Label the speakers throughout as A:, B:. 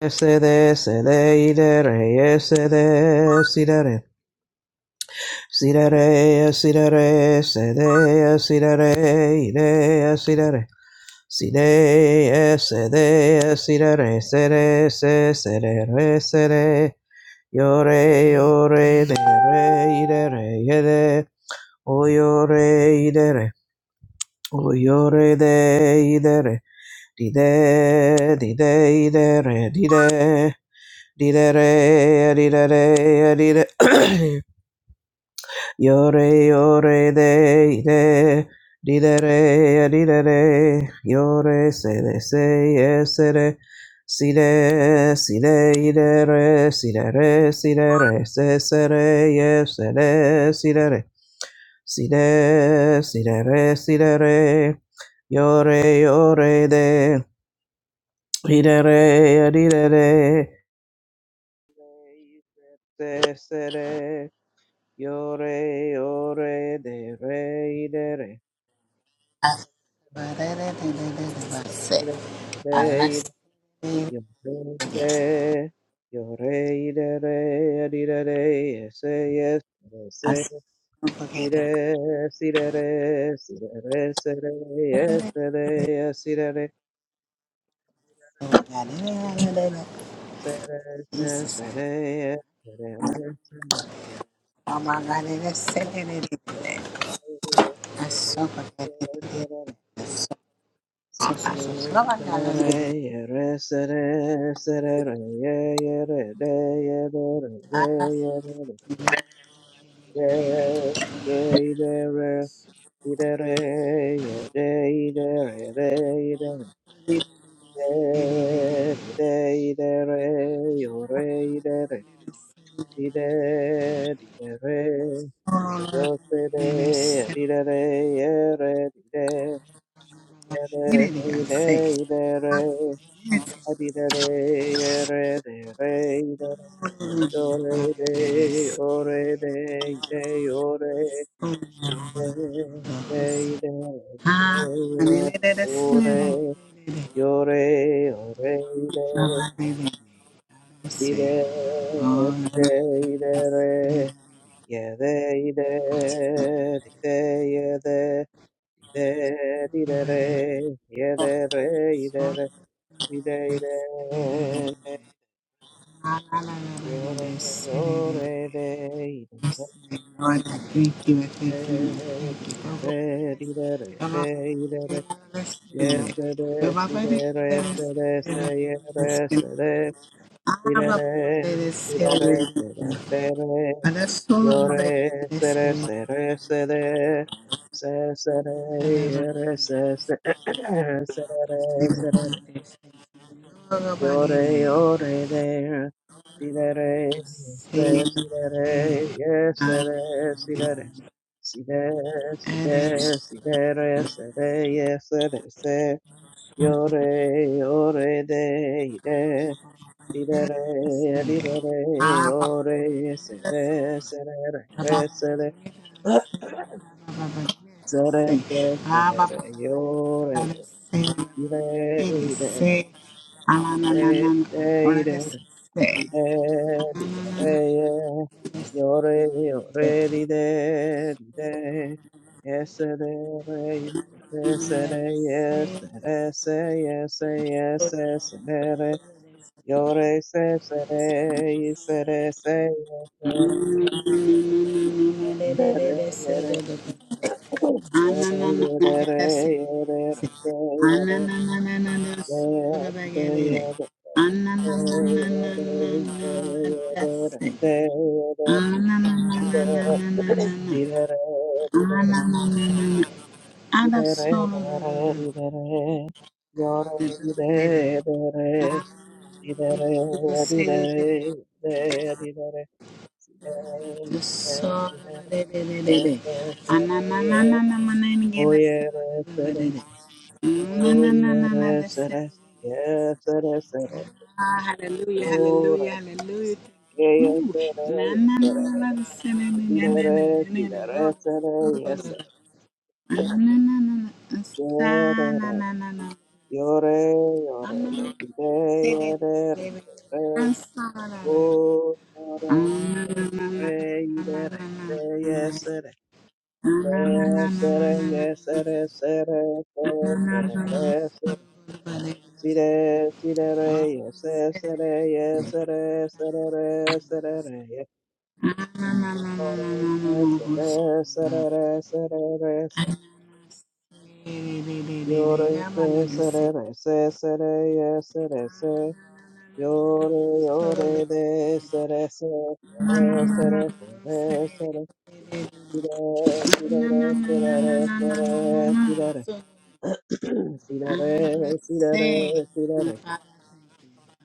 A: Sede, sede, idere, sede, sidere, sidere, sidere, sede, sidere, ide, sidere, side, sede, sidere, sede, se, sede, re, sede, yore, yore, dere, idere, yede, o yore, idere, o yore, de, idere, dide, dide, idere, dide, Didere, didere, didere. Yore, yore, de, de. Didere, didere. Yore, se, de, se, ye, se, de. Si, de, si, de, idere, si, de, re, si, de, re, se, se, re, ye, se, de, si, de, re. Si, de, si, de, re, si, de, re. Yore, yore, de. Didere, didere. Se, se, re. Yo re, yo re, de re, de re.
B: Jesus. Oh my God, it is sick. It is sick.
A: Re, yo re, de. Yo re, de re, di de re, ese, yes, ese, si de, si de re, si de re, se re, ese de, si de re. Se re, se, re, se se re, se re, re,
B: That's so good.
A: se re.
B: That's so, so, so, so,
A: Yere,
B: so. Oh my God, it is sick. It is sick. Oh, it is sick. It is sick.
A: Adi da re re de re da
B: Oh,
A: do re
B: It is
A: de
B: sick.
A: o re de de o re
B: Oh, my
A: de de de de
B: God. Ah, it is
A: o re
B: sick.
A: yo re o re de
B: Lord, I thank you, I
A: di
B: thank
A: de de de re ye de de di de ye de di de di de re ye de re ye de re di de de Yore, yore, de, ire,
B: you, I thank you. Baba,
A: ire, ire, ire,
B: Baba,
A: de, ire,
B: Baba,
A: yes, de, si,
B: Baba,
A: de, re,
B: Baba,
A: se, de, se, ye, re, se, de, ire,
B: Ah,
A: re, ire, re, se, de, se, re, yore, se, re, se, re, se, de, se, se, re, ye, re, se, se, se, re, re, se, re,
B: Baba,
A: Yore,
B: Baba,
A: yore, there. Sidere,
B: Say,
A: se, sidere, yes, sere, sidere. Side, side, sidere, sere, yes, sere, se. Yore, yore, de, ide. Sidere, didere, yore, sere, sere, re, sere. Sere, se, sere, re, yore, ide, ide, ide, ide, ide. di de di de re yo re yo re di de di de yes re re yes re yes re se yes yes yes re re yo re se se re yes re se yes re re re re yo re yo re re
B: Ananana,
A: yo re re yo re re di de yo re Yes,
B: Ananana Ah, hallelujah, hallelujah, hallelujah. Ooh, na na na na na se- na na na na na na na Lord, Lord, Lord. Ah, na na na na na ah, sa- na na na na.
A: Yore,
B: Ah, na
A: yore,
B: na
A: de,
B: na
A: de, de,
B: na se- de-
A: ye,
B: de-
A: de,
B: de-
A: re,
B: de- de-
A: de,
B: de- ah,
A: re,
B: sa- la- la- la- la.
A: o,
B: Ah,
A: yore,
B: na na
A: de, de,
B: na na
A: re,
B: na
A: i, de,
B: na
A: re,
B: na na na
A: de,
B: na na.
A: yes, re,
B: Ah, na na na
A: yes,
B: na na
A: re,
B: na na
A: yes,
B: na.
A: re, se, re,
B: Ah, na na na na na.
A: se,
B: God, God, God.
A: se, re, re, se, re, si, re, si, re, re, yes, yes, re, yes, re, se, re, re, se, re, re, yes,
B: Ah, na na na na na
A: ore,
B: na na
A: yes,
B: na.
A: re, se,
B: na.
A: re, re, se, re, re, se,
B: Solo
A: yore, se, se, re, re, se, se, re, yes, re, se, Yore, yore, de, sere, sere, sere, sere, sere, sere, sire, sire, sire, sire, sire, sire, sire, sire,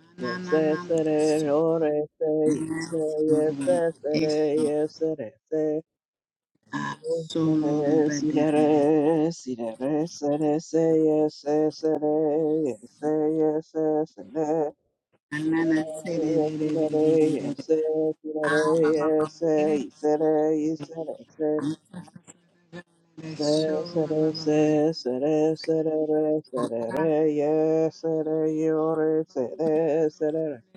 A: yes, sere, sere, yore, se, yes, se, yes, se, sere, yes, sere, se, sire, sire, sire, sere, se, yes, se, sere, yes, se, yes, se, sere,
B: Na
A: Sire,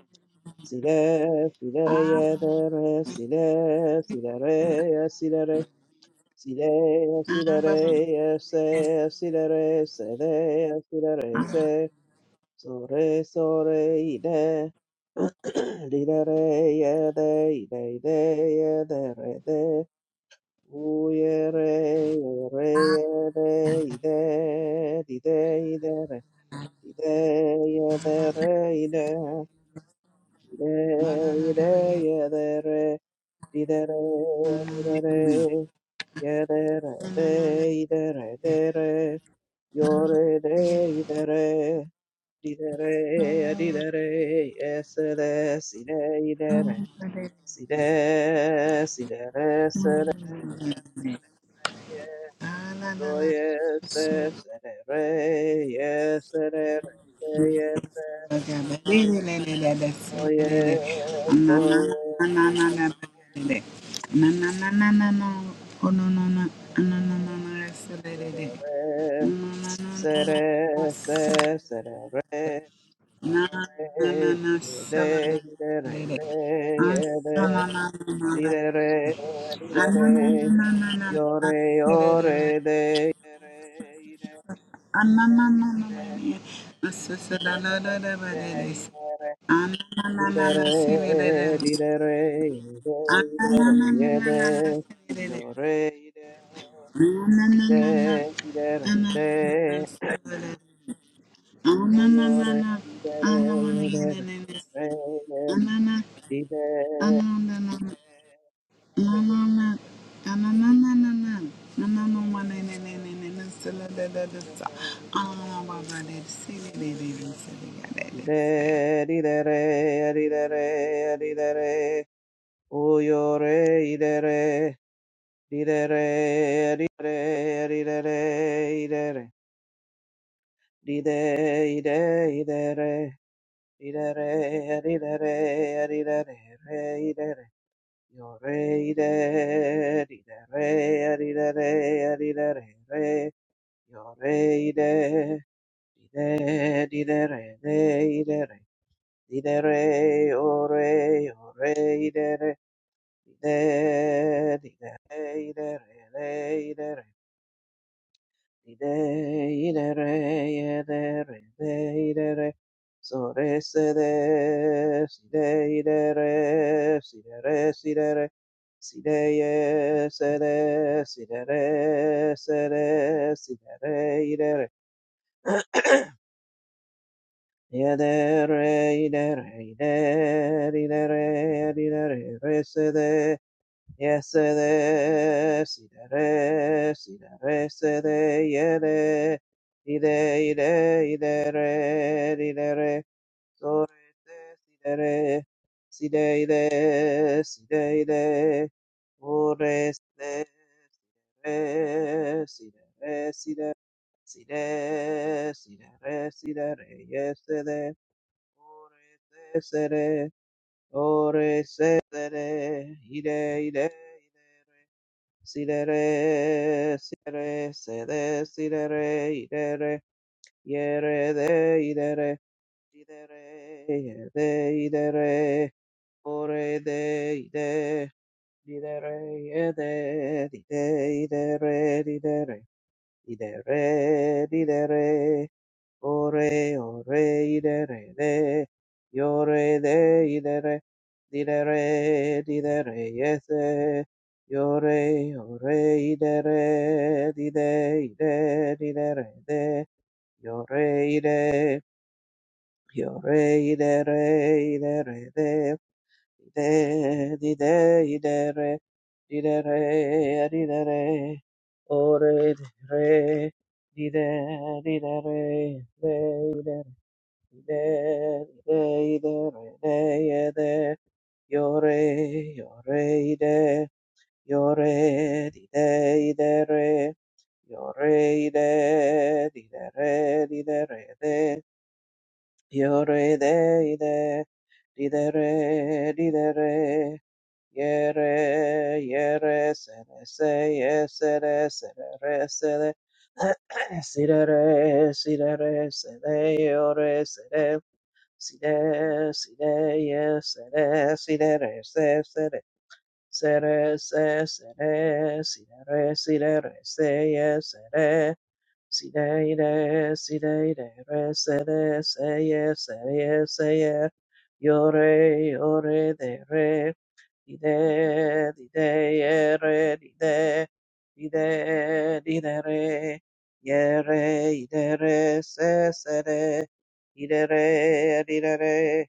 A: So re so re ide ide re ye de ide ide ye de re de u ye re ye re ye de ide ide ide re ide ye de re ide ide ide ye de re ide re ide re ye de re de ide re de re yo re de ide re Didere, didere, esere, sire, idere, sire, sidere, sere, seye, soye, se, sere, re, ye, sere, re, seye, se, soye, soye, sere, sere, re, sere, se, sere, re,
B: Na na na
A: yore,
B: na
A: bore,
B: sala da
A: de,
B: de
A: idere,
B: de.
A: de,
B: Asala na na na na
A: Di re re,
B: de.
A: di re
B: Anana na
A: re,
B: na na na
A: yo
B: na
A: re
B: sele
A: yo
B: de ba.
A: re de, di re, i re
B: Anana na na na
A: re,
B: de. Asasa da da da da ba de de.
A: de, di re re,
B: Anana na
A: di
B: na
A: re
B: na sele de de.
A: re, de, i re re, de, i re
B: Anana
A: re,
B: na na
A: ye
B: na na na
A: de,
B: sele de de.
A: yo re i de,
B: Anana
A: i
B: na na na na
A: de, i de
B: ah, na
A: re
B: na na
A: de,
B: sele de.
A: o
B: Anana na
A: yo re
B: na
A: i de re, i de re, ye de, ye de, di de, di
B: anana na na
A: re
B: na na. No, no, no. No, no, no, no,
A: re,
B: no, no. No, no, no, one, no,
A: Yore,
B: no, no, no, no, no, so, la, la, la, la, so. I don't know why, but they say that they- they- say that, they did say.
A: Didere, didere, de, idere, didere, ore, ore, idere, dide, didere, idere, de, idere, dide, idere, edere, de, idere, sore, sede, side, idere, sidere, sidere, sideye, sede, sidere, sede, sidere, idere, Ide ide re ide ide re ide re re se de yes se de si de re si de re se de Yadere, de idere, idere, idere, resede, yesede, sidere, sidere, sede, yede, ide, ide, ide re ide re re re so si de re si de ide, si de ide, re re re se si si de re si de si de si de oreste, sidere, si de re yes sidere, de Ore se se re, ore se se re, ire ire ire re, si re re, si re, se re, si re re, ire re, ye re de, ire re, si de re, ye de, ire re, ore de, ide, di de re, ye de, di de, ide re, di de re, ide re, di de re, Ore, ore, idere, de, yore, de, idere, didere, didere, yese, yore, ore, idere, dide, ide, didere, de, yore, ide, yore, idere, idere, de, ide, dide, idere, didere, didere, ore, didere, dide, didere, de, Ide, ide, ide, ide, ide, yore, yore, ide, yore, ide, ide, re, yore, ide, ide, re, ide, re, de, yore, de, ide, ide, re, ide, re, yere, yere, sere, se, ye, sere, sere, re, sere, sere, re, sere, re, sere, yore, sere, Sire, sire, yes, sire, sire, sire, sire, sire, sire, sire, sire, sire, sire, yes, sire, sire, sire, sire, sire, sire, sire, sire, yore, yore, dere. Dide, dide, yere, dide, dide, didere, yere, idere, se sesere, idere, didere,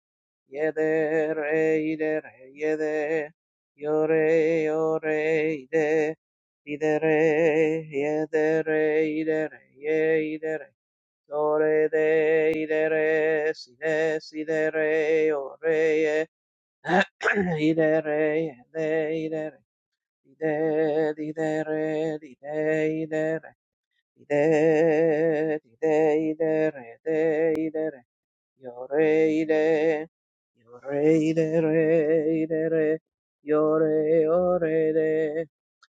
A: yedere, idere, yede, yore, yore, ide, didere, yedere, idere, ye, idere, yore, de, idere, side, sidere, yore, Idere, ide, idere, ide, idere, ide, idere, ide, ide, idere, ide, idere. Yo re re, yo re re re re re, yo re o re re,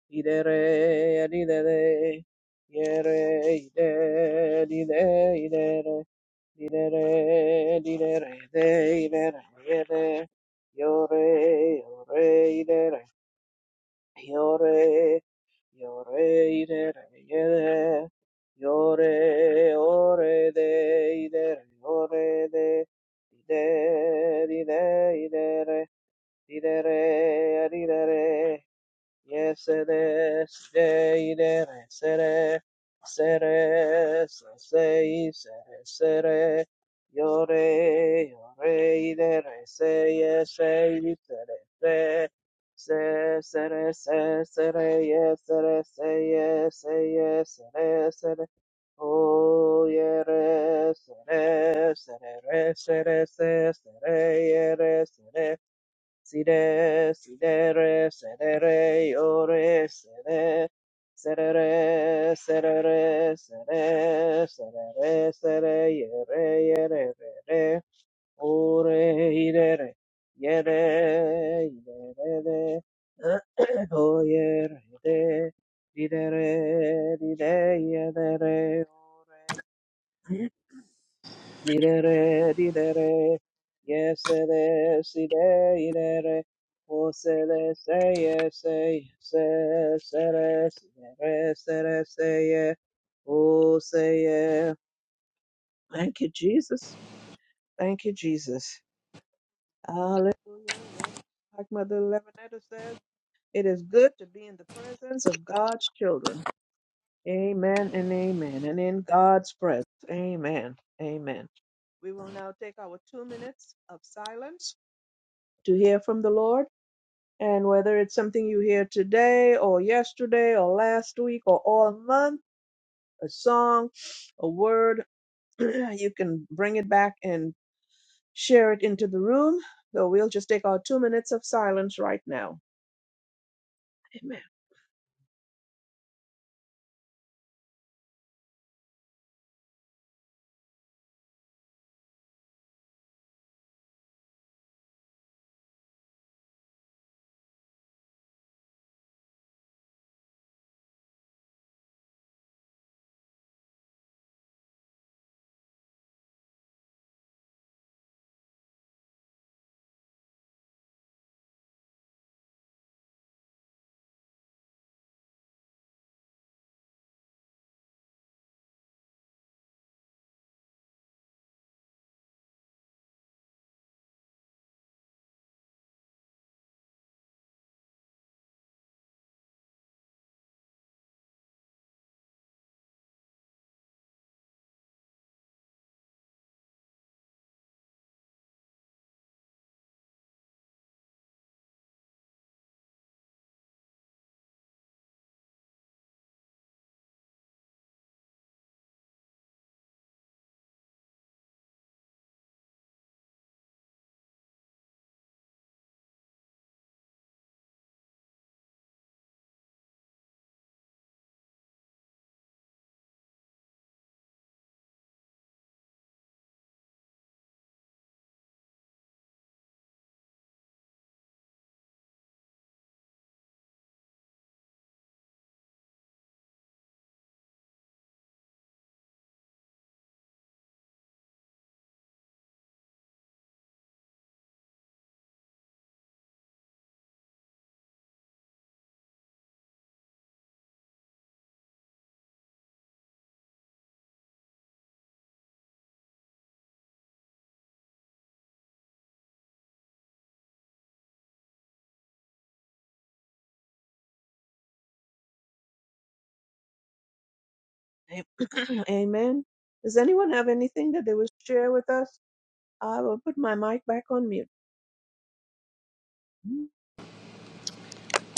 A: i re re i re re, ye re i re i re i re re, re re i re ye re, yo re yo re i re, yo re. Yore ire re yere, yore ore de ire re ore de, ide ide ide re, ide re ide re Yes, it is. Day, day, sere, sere, say, sere, sere. Yore, yore, dere, se, yes, say, sere, se. Se, sere, se, sere, yes, sere, say, yes, say, yes, sere, sere. Oh, yere, sere, sere, re, sere, se, Sire, sidere, sedere, iore, sede, serere, serere, sere, serere, sere, iere, iere, rere, ore, idere, iere, idere, de, oiere, de, didere, dide, iedere, ore, Nidere, didere, yesere, side, idere, osele, seye, seye, se, sere, sidere, sere, seye, oseye. Thank you, Jesus. Thank you, Jesus. Hallelujah. Yes. Like Mother Levinetta says, it is good to be in the presence of God's children. Amen and amen. And in God's presence, Amen. Amen. We will now take our two minutes of silence to hear from the Lord. And whether it's something you hear today or yesterday or last week or all month, a song, a word, you can bring it back and share it into the room. So we'll just take our two minutes of silence right now. Amen. Am- Amen. Does anyone have anything that they wish share with us? I will put my mic back on mute.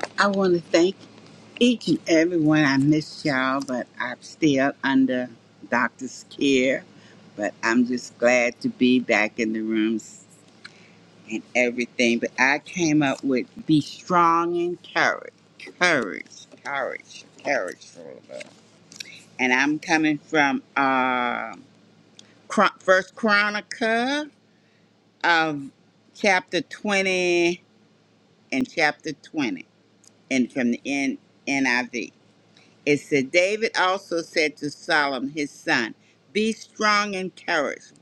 B: that. I want to thank each and every one. I miss y'all, but I'm still under doctor's care. But I'm just glad to be back in the rooms and everything. But I came up with be strong and courage, courage, courage, courage. and I'm coming from uh, Chron- First Chronica of chapter 20 and chapter 20, and from the N- NIV. It said, David also said to Solomon his son, Be strong and courageous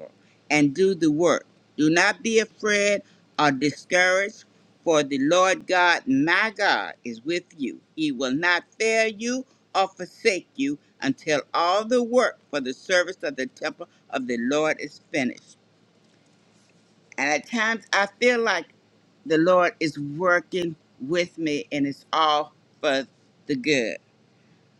B: and do the work. Do not be afraid or discouraged, for the Lord God, my God, is with you. He will not fail you or forsake you until all the work for the service of the temple of the Lord is finished. And at times I feel like the Lord is working with me and it's all for the good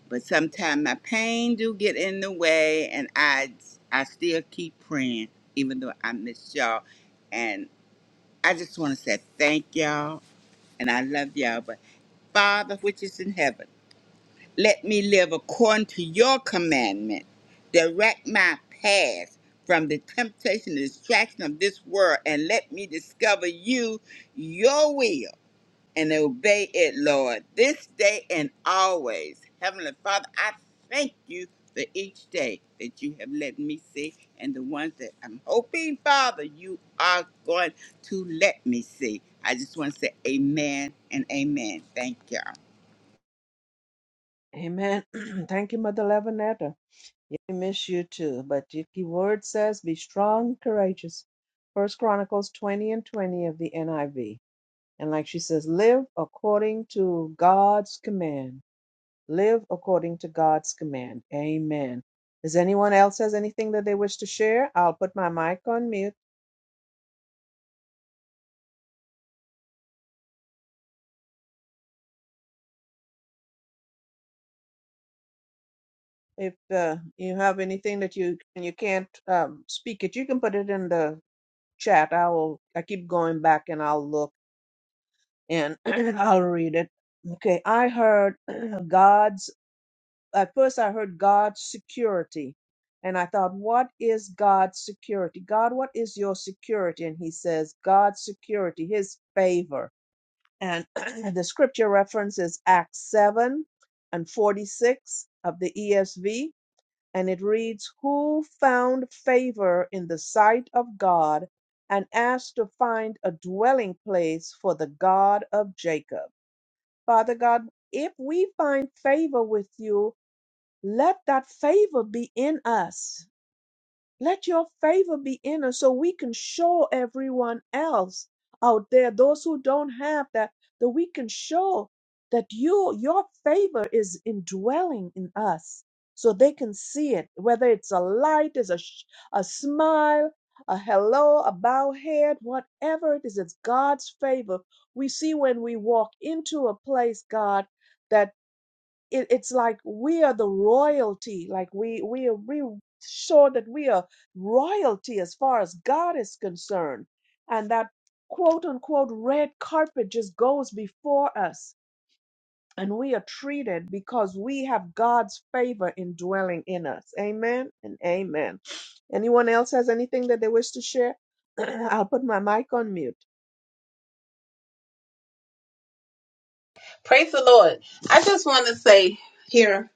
B: but sometimes my pain do get in the way and i i still keep praying even though i miss y'all and i just want to say thank y'all and i love y'all but father which is in heaven let me live according to your commandment direct my path from the temptation and distraction of this world and let me discover you your will and obey it, Lord, this day and always. Heavenly Father, I thank you for each day that you have let me see and the ones that I'm hoping, Father, you are going to let me see. I just want to say amen and amen. Thank you.
A: Amen. Thank you, Mother Lavinetta. Yeah, we miss you too. But your key word says, be strong and courageous. First Chronicles 20 and 20 of the NIV. And like she says, live according to God's command. Live according to God's command. Amen. Does anyone else has anything that they wish to share? I'll put my mic on mute. If uh, you have anything that you and you can't um, speak it, you can put it in the chat. I will. I keep going back and I'll look and I'll read it. Okay, I heard God's, at first I heard God's security. And I thought, what is God's security? God, what is your security? And he says, God's security, his favor. And the scripture reference is Acts 7 and 46 of the ESV. And it reads, Who found favor in the sight of God and asked to find a dwelling place for the God of Jacob? Father God, if we find favor with you, let that favor be in us. Let your favor be in us so we can show everyone else out there, those who don't have that, that we can show that you, your favor is indwelling in us so they can see it, whether it's a light, is a, sh- a smile, a hello, a bow head, whatever it is, it's God's favor. We see when we walk into a place, God, that it, it's like we are the royalty like we we we show that we are royalty as far as god is concerned and that quote unquote red carpet just goes before us and we are treated because we have god's favor indwelling in us amen and amen anyone else has anything that they wish to share i'll put my mic on mute
C: Praise the Lord. I just want to say here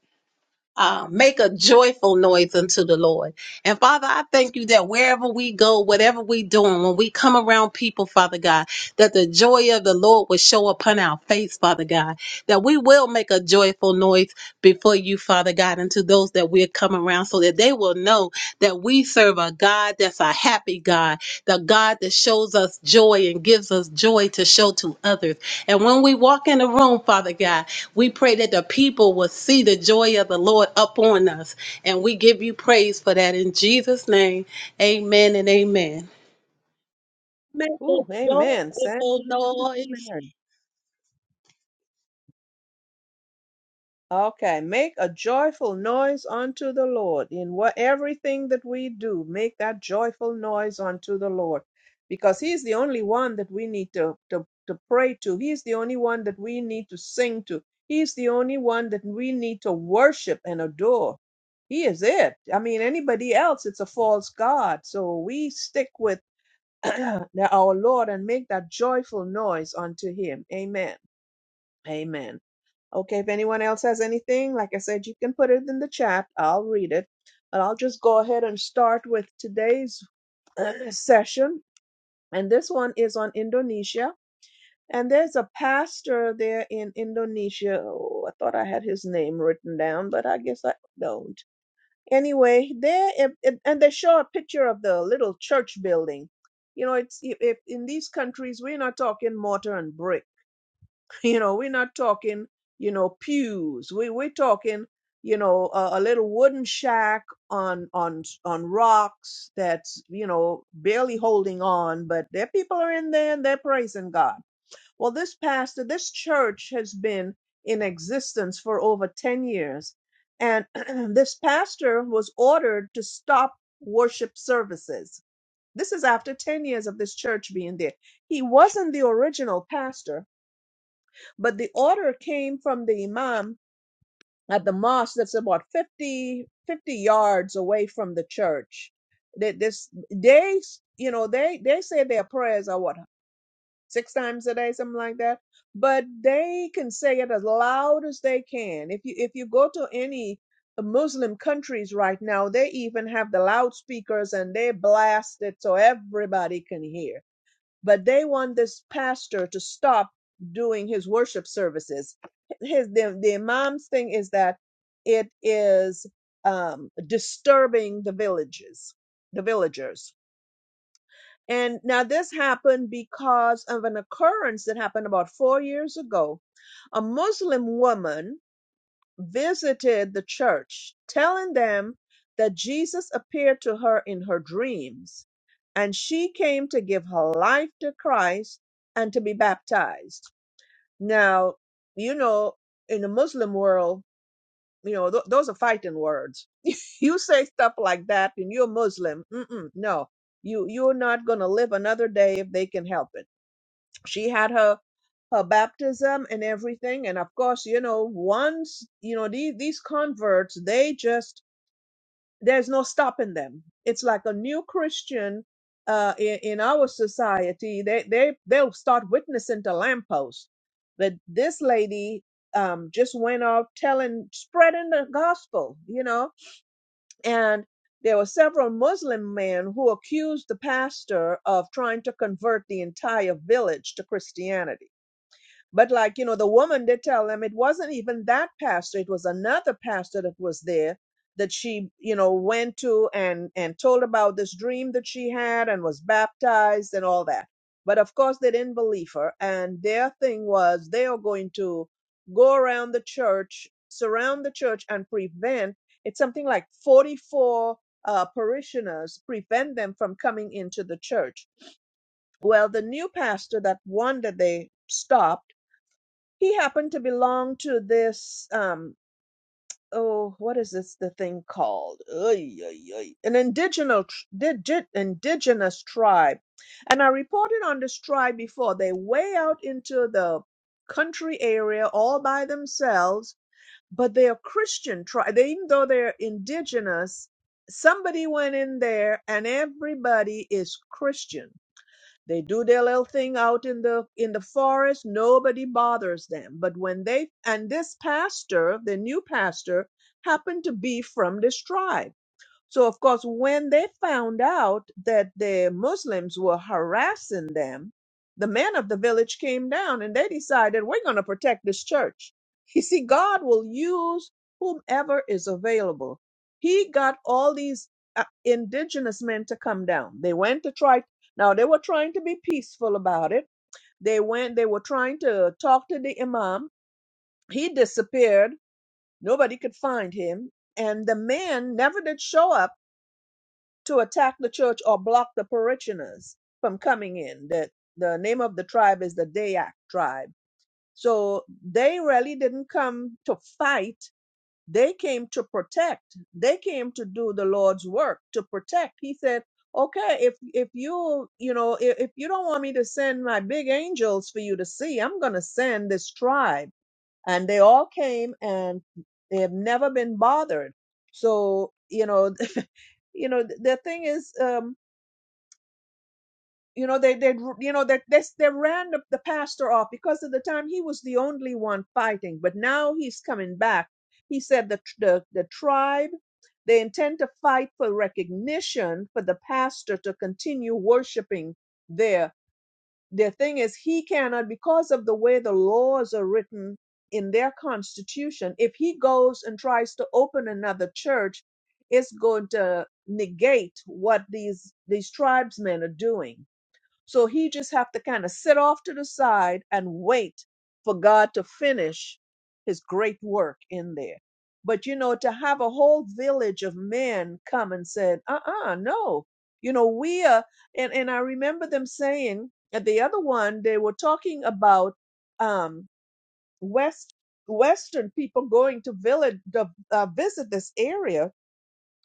C: uh, make a joyful noise unto the Lord. And Father, I thank you that wherever we go, whatever we doing, when we come around people, Father God, that the joy of the Lord will show upon our face, Father God, that we will make a joyful noise before you, Father God, and to those that we're coming around so that they will know that we serve a God that's a happy God, the God that shows us joy and gives us joy to show to others. And when we walk in the room, Father God, we pray that the people will see the joy of the Lord upon us. And we give you praise for that in Jesus' name. Amen and amen. Make a
A: Ooh, amen. Thank
C: joyful
A: you, dear Sister
C: noise.
A: Mary. Okay, make a joyful noise unto the Lord. In what everything that we do, make that joyful noise unto the Lord. Because He's the only one that we need to, to, to pray to. He's the only one that we need to sing to. He's the only one that we need to worship and adore. He is it. I mean, anybody else, it's a false God. So we stick with our Lord and make that joyful noise unto Him. Amen. Amen. Okay, if anyone else has anything, like I said, you can put it in the chat. I'll read it. But I'll just go ahead and start with today's session. And this one is on Indonesia. And there's a pastor there in Indonesia. Oh, I thought I had his name written down, but I guess I don't. Anyway, there, if, if- and they show a picture of the little church building. You know, it's if, if in these countries we're not talking mortar and brick You know, we're not talking, you know, pews. We we're talking, you know, a, a little wooden shack on on on rocks that's, you know, barely holding on, but their people are in there and they're praising God. Well, this pastor, this church has been in existence for over 10 years. And this pastor was ordered to stop worship services. This is after 10 years of this church being there. He wasn't the original pastor but the order came from the imam at the mosque that's about 50 50 yards away from the church. That this they you know they they say their prayers are what six times a day something like that, but they can say it as loud as they can. If you if you go to any Muslim countries right now, they even have the loudspeakers and they blast it so everybody can hear but they want this pastor to stop doing his worship services. His the, the imam's thing is that it is um, disturbing the villages, the villagers. And now this happened because of an occurrence that happened about four years ago. A Muslim woman visited the church, telling them that Jesus appeared to her in her dreams, and she came to give her life to Christ and to be baptized. Now, you know, in the Muslim world, you know, th- those are fighting words. You say stuff like that, and you're Muslim. Mm-mm, no, you you're not gonna live another day if they can help it she had her her baptism and everything and of course you know once you know these these converts they just there's no stopping them it's like a new christian uh in, in our society they they they'll start witnessing to lampposts but this lady um just went off telling spreading the gospel you know and there were several muslim men who accused the pastor of trying to convert the entire village to christianity but like, you know, the woman did tell them it wasn't even that pastor, it was another pastor that was there that she, you know, went to and and told about this dream that she had and was baptized and all that. But of course they didn't believe her and their thing was they are going to go around the church, surround the church and prevent it's something like 44 uh, parishioners prevent them from coming into the church. Well, the new pastor, that one that they stopped he happened to belong to this um oh what is this the thing called Oy, oy, oy. an indigenous digi, indigenous tribe and i reported on this tribe before they way out into the country area all by themselves but they're christian tribe they, even though they're indigenous somebody went in there and everybody is christian they do their little thing out in the in the forest. Nobody bothers them. But when they and this pastor, the new pastor, happened to be from this tribe. So, of course, when they found out that the Muslims were harassing them, the men of the village came down and they decided, we're going to protect this church. You see, God will use whomever is available. He got all these uh, indigenous men to come down. They went to try, now they were trying to be peaceful about it. They went, they were trying to talk to the Imam. He disappeared. Nobody could find him. And the man never did show up to attack the church or block the parishioners from coming in. The, the name of the tribe is the Dayak tribe. So they really didn't come to fight. They came to protect. They came to do the Lord's work to protect. He said, okay, if, if you, you know, if, if you don't want me to send my big angels for you to see, I'm going to send this tribe. And they all came and they have never been bothered. So, you know, you know, the thing is, um, you know they they you know that they, they ran the, the pastor off because at the time he was the only one fighting but now he's coming back he said the the, the tribe they intend to fight for recognition for the pastor to continue worshiping there the thing is he cannot because of the way the laws are written in their constitution if he goes and tries to open another church it's going to negate what these these tribesmen are doing so he just have to kind of sit off to the side and wait for God to finish his great work in there. But you know, to have a whole village of men come and said, uh-uh, no. You know, we are and, and I remember them saying at the other one, they were talking about um West Western people going to village to uh, visit this area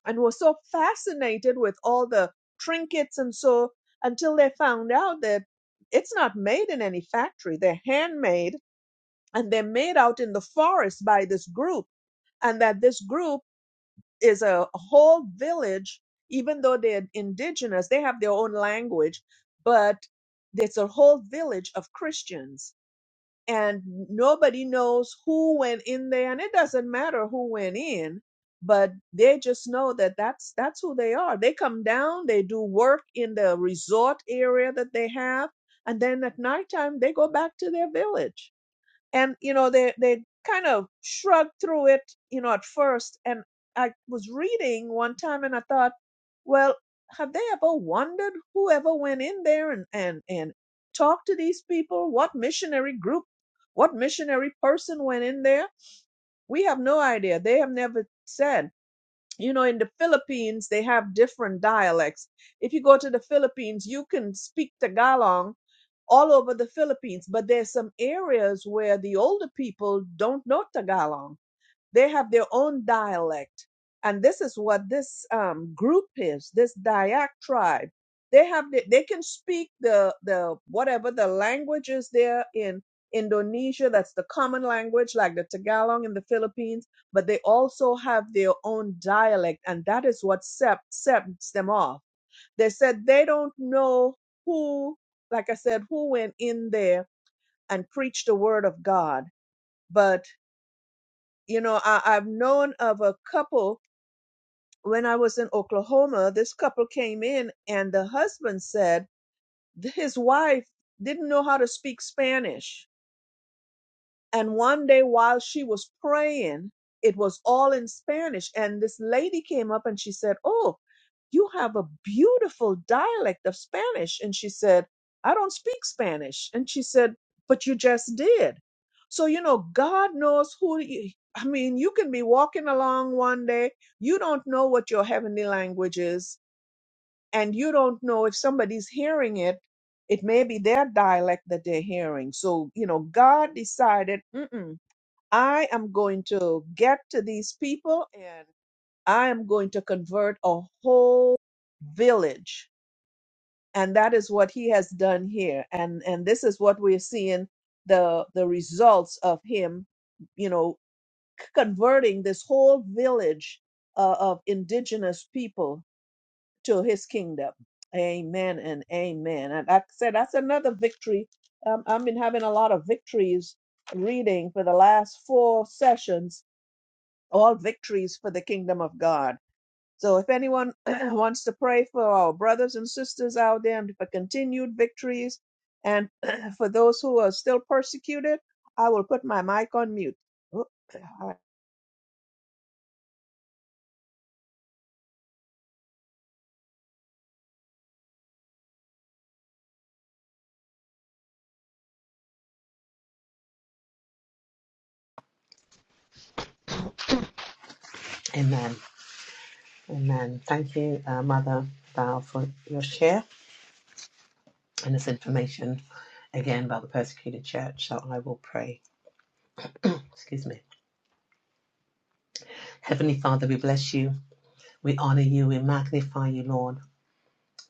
A: and were so fascinated with all the trinkets and so until they found out that it's not made in any factory they're handmade and they're made out in the forest by this group and that this group is a whole village even though they're indigenous they have their own language but it's a whole village of christians and nobody knows who went in there and it doesn't matter who went in but they just know that that's that's who they are they come down they do work in the resort area that they have and then at nighttime they go back to their village and you know they they kind of shrugged through it you know at first and i was reading one time and i thought well have they ever wondered whoever went in there and and and talked to these people what missionary group what missionary person went in there we have no idea they have never said you know in the philippines they have different dialects if you go to the philippines you can speak tagalog all over the philippines but there's some areas where the older people don't know tagalog they have their own dialect. And this is what this um, group is, this Dayak tribe. They have the, they can speak the the whatever the language is there in Indonesia, that's the common language, like the Tagalog in the Philippines, but they also have their own dialect, and that is what sep- sets them off. They said they don't know who, like I said, who went in there and preached the word of God. But you know, I, I've known of a couple when I was in Oklahoma. This couple came in, and the husband said th- his wife didn't know how to speak Spanish and one day while she was praying, it was all in Spanish. And this lady came up and she said, Oh, you have a beautiful dialect of Spanish. And she said, I don't speak Spanish. And she said, But you just did. So, you know, God knows who you, I mean, you can be walking along one day, you don't know what your heavenly language is, and you don't know if somebody's hearing it. It may be their dialect that they're hearing. So, you know, God decided, mm-mm, I am going to get to these people and I am going to convert a whole village. And that is what he has done here. And and this is what we're seeing the the results of him, you know, c- converting this whole village uh, of indigenous people to his kingdom. Amen and amen. And like I said that's another victory. Um, I've been having a lot of victories reading for the last four sessions all victories for the kingdom of God. So if anyone wants to pray for our brothers and sisters out there and for continued victories and for those who are still persecuted, I will put my mic on mute. Oh, all
D: Amen. Amen. Thank you, uh, Mother Val, for your share and this information again about the persecuted church. So I will pray. Excuse me. Heavenly Father, we bless you. We honor you. We magnify you, Lord.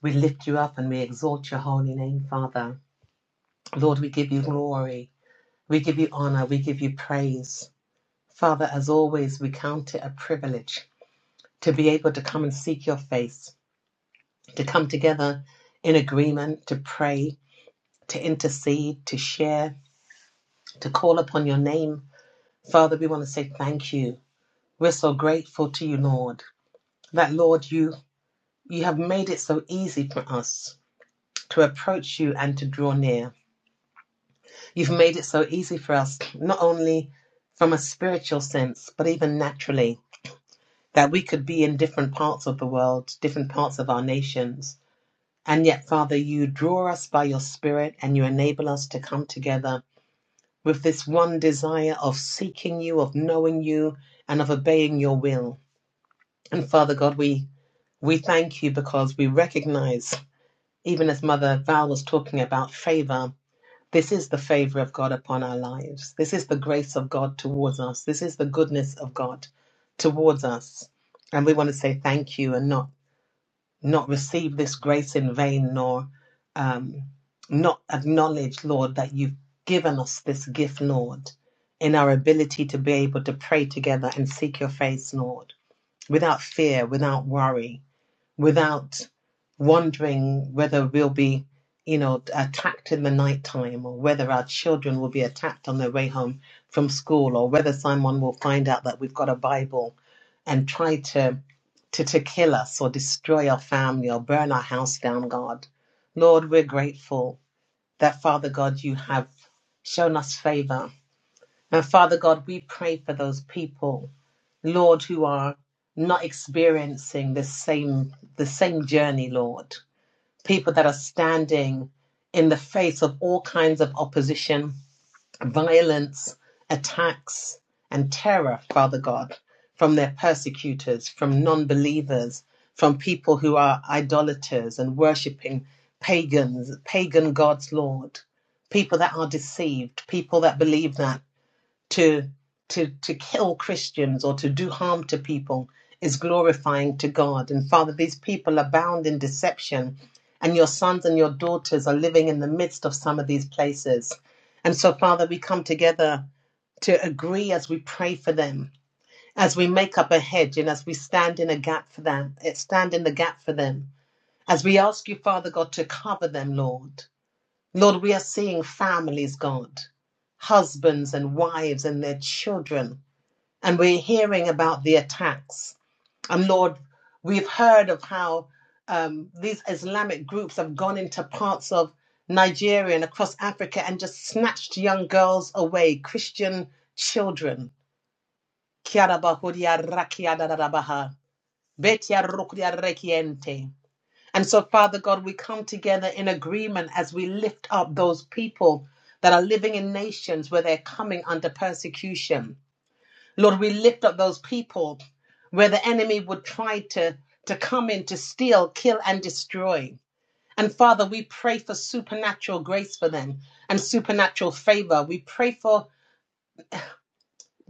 D: We lift you up and we exalt your holy name, Father. Lord, we give you glory. We give you honor. We give you praise. Father, as always, we count it a privilege to be able to come and seek your face, to come together in agreement, to pray, to intercede, to share, to call upon your name. Father, we want to say thank you. We're so grateful to you, Lord, that Lord, you you have made it so easy for us to approach you and to draw near. You've made it so easy for us, not only from a spiritual sense, but even naturally, that we could be in different parts of the world, different parts of our nations. And yet, Father, you draw us by your Spirit and you enable us to come together with this one desire of seeking you, of knowing you, and of obeying your will. And Father God, we we thank you because we recognize, even as Mother Val was talking about favor, this is the favor of God upon our lives. This is the grace of God towards us. This is the goodness of God towards us. And we want to say thank you and not not receive this grace in vain nor um, not acknowledge, Lord, that you've given us this gift, Lord, in our ability to be able to pray together and seek your face, Lord, without fear, without worry without wondering whether we'll be, you know, attacked in the nighttime or whether our children will be attacked on their way home from school or whether someone will find out that we've got a Bible and try to to, to kill us or destroy our family or burn our house down, God. Lord, we're grateful that Father God, you have shown us favor. And Father God, we pray for those people Lord, who are not experiencing the same the same journey, Lord. People that are standing in the face of all kinds of opposition, violence, attacks, and terror, Father God, from their persecutors, from non-believers, from people who are idolaters and worshiping pagans, pagan gods, Lord. People that are deceived, people that believe that to to to kill Christians or to do harm to people is glorifying to God. And Father, these people are bound in deception, and your sons and your daughters are living in the midst of some of these places. And so, Father, we come together to agree as we pray for them, as we make up a hedge, and as we stand in a gap for them, eh, stand in the gap for them. As we ask you, Father God, to cover them, Lord. Lord, we are seeing families, God, husbands and wives and their children and we're hearing about the attacks. And Lord, we've heard of how um, these Islamic groups have gone into parts of Nigeria and across Africa and just snatched young girls away, Christian children. And so, Father God, we come together in agreement as we lift up those people that are living in nations where they're coming under persecution. Lord, we lift up those people where the enemy would try to, to come in to steal, kill, and destroy. And Father, we pray for supernatural grace for them and supernatural favor. We pray for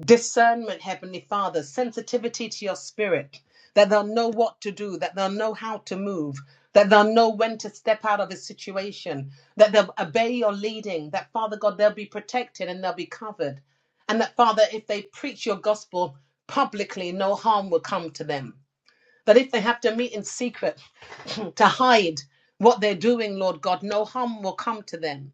D: discernment, Heavenly Father, sensitivity to your spirit, that they'll know what to do, that they'll know how to move, that they'll know when to step out of a situation, that they'll obey your leading, that Father God, they'll be protected and they'll be covered. And that Father, if they preach your gospel publicly, no harm will come to them. That if they have to meet in secret to hide what they're doing, Lord God, no harm will come to them.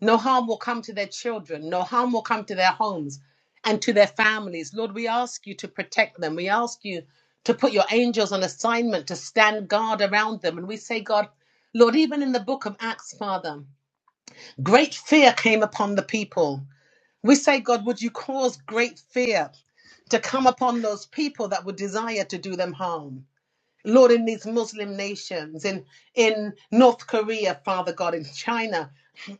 D: No harm will come to their children. No harm will come to their homes and to their families. Lord, we ask you to protect them. We ask you to put your angels on assignment to stand guard around them. And we say, God, Lord, even in the book of Acts, Father, great fear came upon the people. We say, God, would you cause great fear to come upon those people that would desire to do them harm? Lord, in these Muslim nations, in, in North Korea, Father God, in China,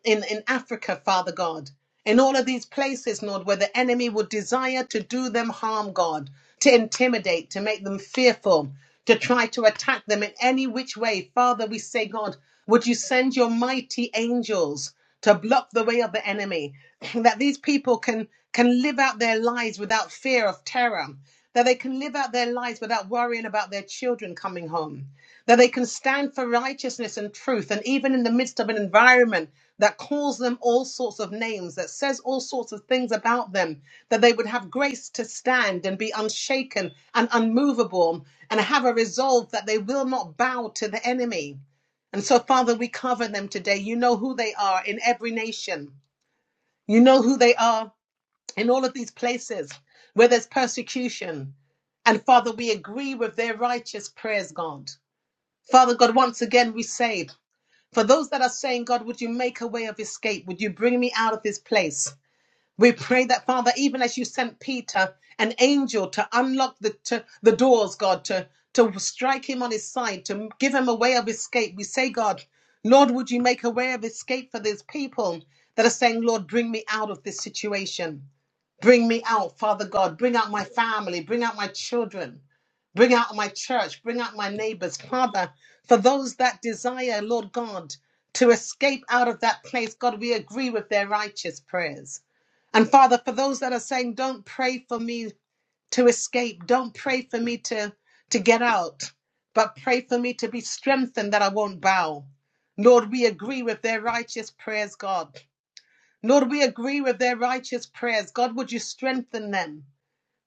D: in, in Africa, Father God, in all of these places, Lord, where the enemy would desire to do them harm, God, to intimidate, to make them fearful, to try to attack them in any which way. Father, we say, God, would you send your mighty angels? to block the way of the enemy, that these people can, can live out their lives without fear of terror, that they can live out their lives without worrying about their children coming home, that they can stand for righteousness and truth, and even in the midst of an environment that calls them all sorts of names, that says all sorts of things about them, that they would have grace to stand and be unshaken and unmovable, and have a resolve that they will not bow to the enemy. And so, Father, we cover them today. You know who they are in every nation. You know who they are in all of these places where there's persecution. And Father, we agree with their righteous prayers, God. Father God, once again, we say, for those that are saying, God, would you make a way of escape? Would you bring me out of this place? We pray that, Father, even as you sent Peter, an angel, to unlock the, to, the doors, God, to, to strike him on his side, to give him a way of escape. We say, God, Lord, would you make a way of escape for these people that are saying, Lord, bring me out of this situation? Bring me out, Father God. Bring out my family. Bring out my children. Bring out my church. Bring out my neighbors. Father, for those that desire, Lord God, to escape out of that place, God, we agree with their righteous prayers. And Father, for those that are saying, don't pray for me to escape, don't pray for me to, to get out, but pray for me to be strengthened that I won't bow. Lord, we agree with their righteous prayers, God. Lord, we agree with their righteous prayers. God, would you strengthen them?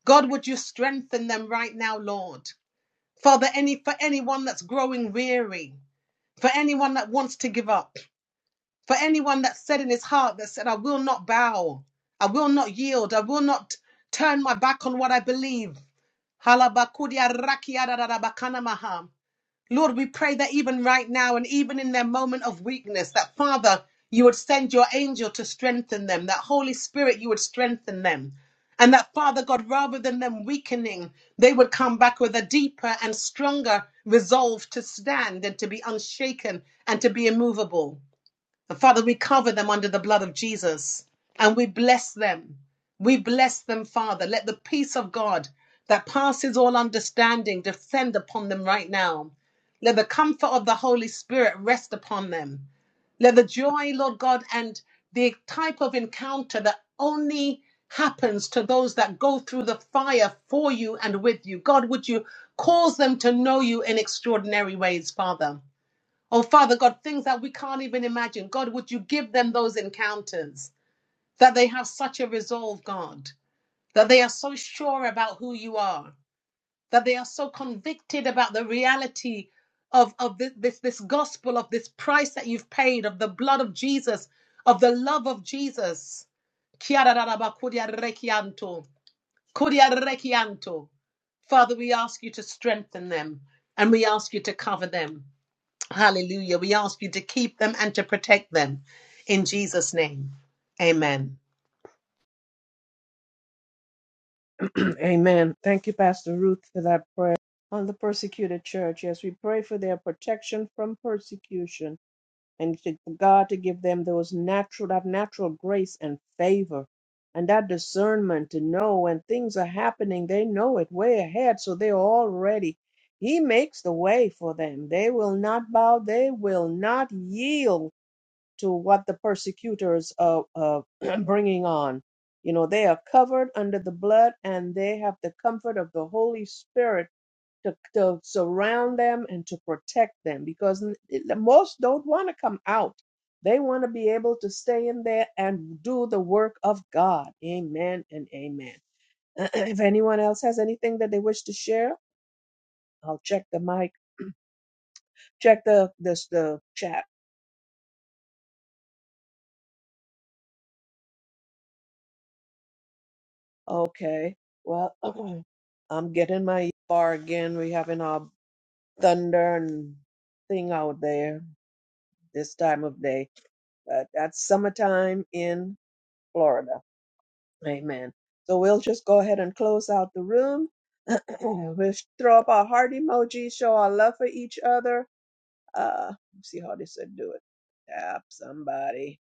D: God, would you strengthen them right now, Lord? Father, any for anyone that's growing weary, for anyone that wants to give up, for anyone that said in his heart that said, I will not bow, I will not yield, I will not turn my back on what I believe. Halabakudia rakia da da da bakana maha. Lord, we pray that even right now and even in their moment of weakness, that Father, you would send your angel to strengthen them, that Holy Spirit, you would strengthen them. And that Father God, rather than them weakening, they would come back with a deeper and stronger resolve to stand and to be unshaken and to be immovable. And Father, we cover them under the blood of Jesus and we bless them. We bless them, Father. Let the peace of God that passes all understanding descend upon them right now. Let the comfort of the Holy Spirit rest upon them. Let the joy, Lord God, and the type of encounter that only happens to those that go through the fire for you and with you. God, would you cause them to know you in extraordinary ways, Father? Oh, Father God, things that we can't even imagine. God, would you give them those encounters that they have such a resolve, God, that they are so sure about who you are, that they are so convicted about the reality of, of this, this, this gospel, of this price that you've paid, of the blood of Jesus, of the love of Jesus. Father, we ask you to strengthen them and we ask you to cover them. Hallelujah. We ask you to keep them and to protect them in Jesus' name. Amen.
A: right. Amen. Thank you, Pastor Ruth, for that prayer on the persecuted church. Yes, we pray for their protection from persecution and to God to give them those natural that natural grace and favor and that discernment to know when things are happening they know it way ahead so they're all ready he makes the way for them they will not bow they will not yield to what the persecutors are, are bringing on you know they are covered under the blood and they have the comfort of the holy spirit to, to surround them and to protect them because n- the most don't want to come out. They want to be able to stay in there and do the work of God. Amen and amen. if anyone else has anything that they wish to share, I'll check the mic, check the this the chat. Okay. Well, I'm getting my bar again. We having our thunder and thing out there this time of day. But that's summertime in Florida. Amen. So we'll just go ahead and close out the room. we'll throw up our heart emoji, show our love for each other. Uh, let's see how this would do it. Tap somebody.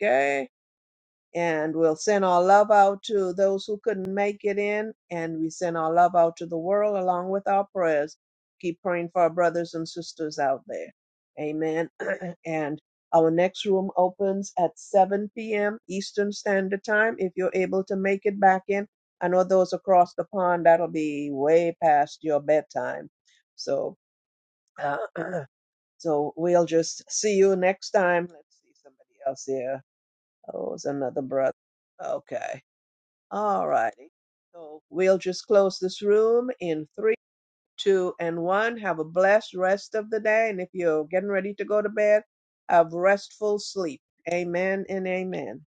A: Okay and we'll send our love out to those who couldn't make it in, and we send our love out to the world along with our prayers. Keep praying for our brothers and sisters out there. Amen. and our next room opens at 7 p.m. Eastern Standard Time. If you're able to make it back in, I know those across the pond, that'll be way past your bedtime. So, uh, so we'll just see you next time. Let's see somebody else here. Oh, it's another brother. Okay. All righty. So we'll just close this room in three, two, and one. Have a blessed rest of the day. And if you're getting ready to go to bed, have restful sleep. Amen and amen.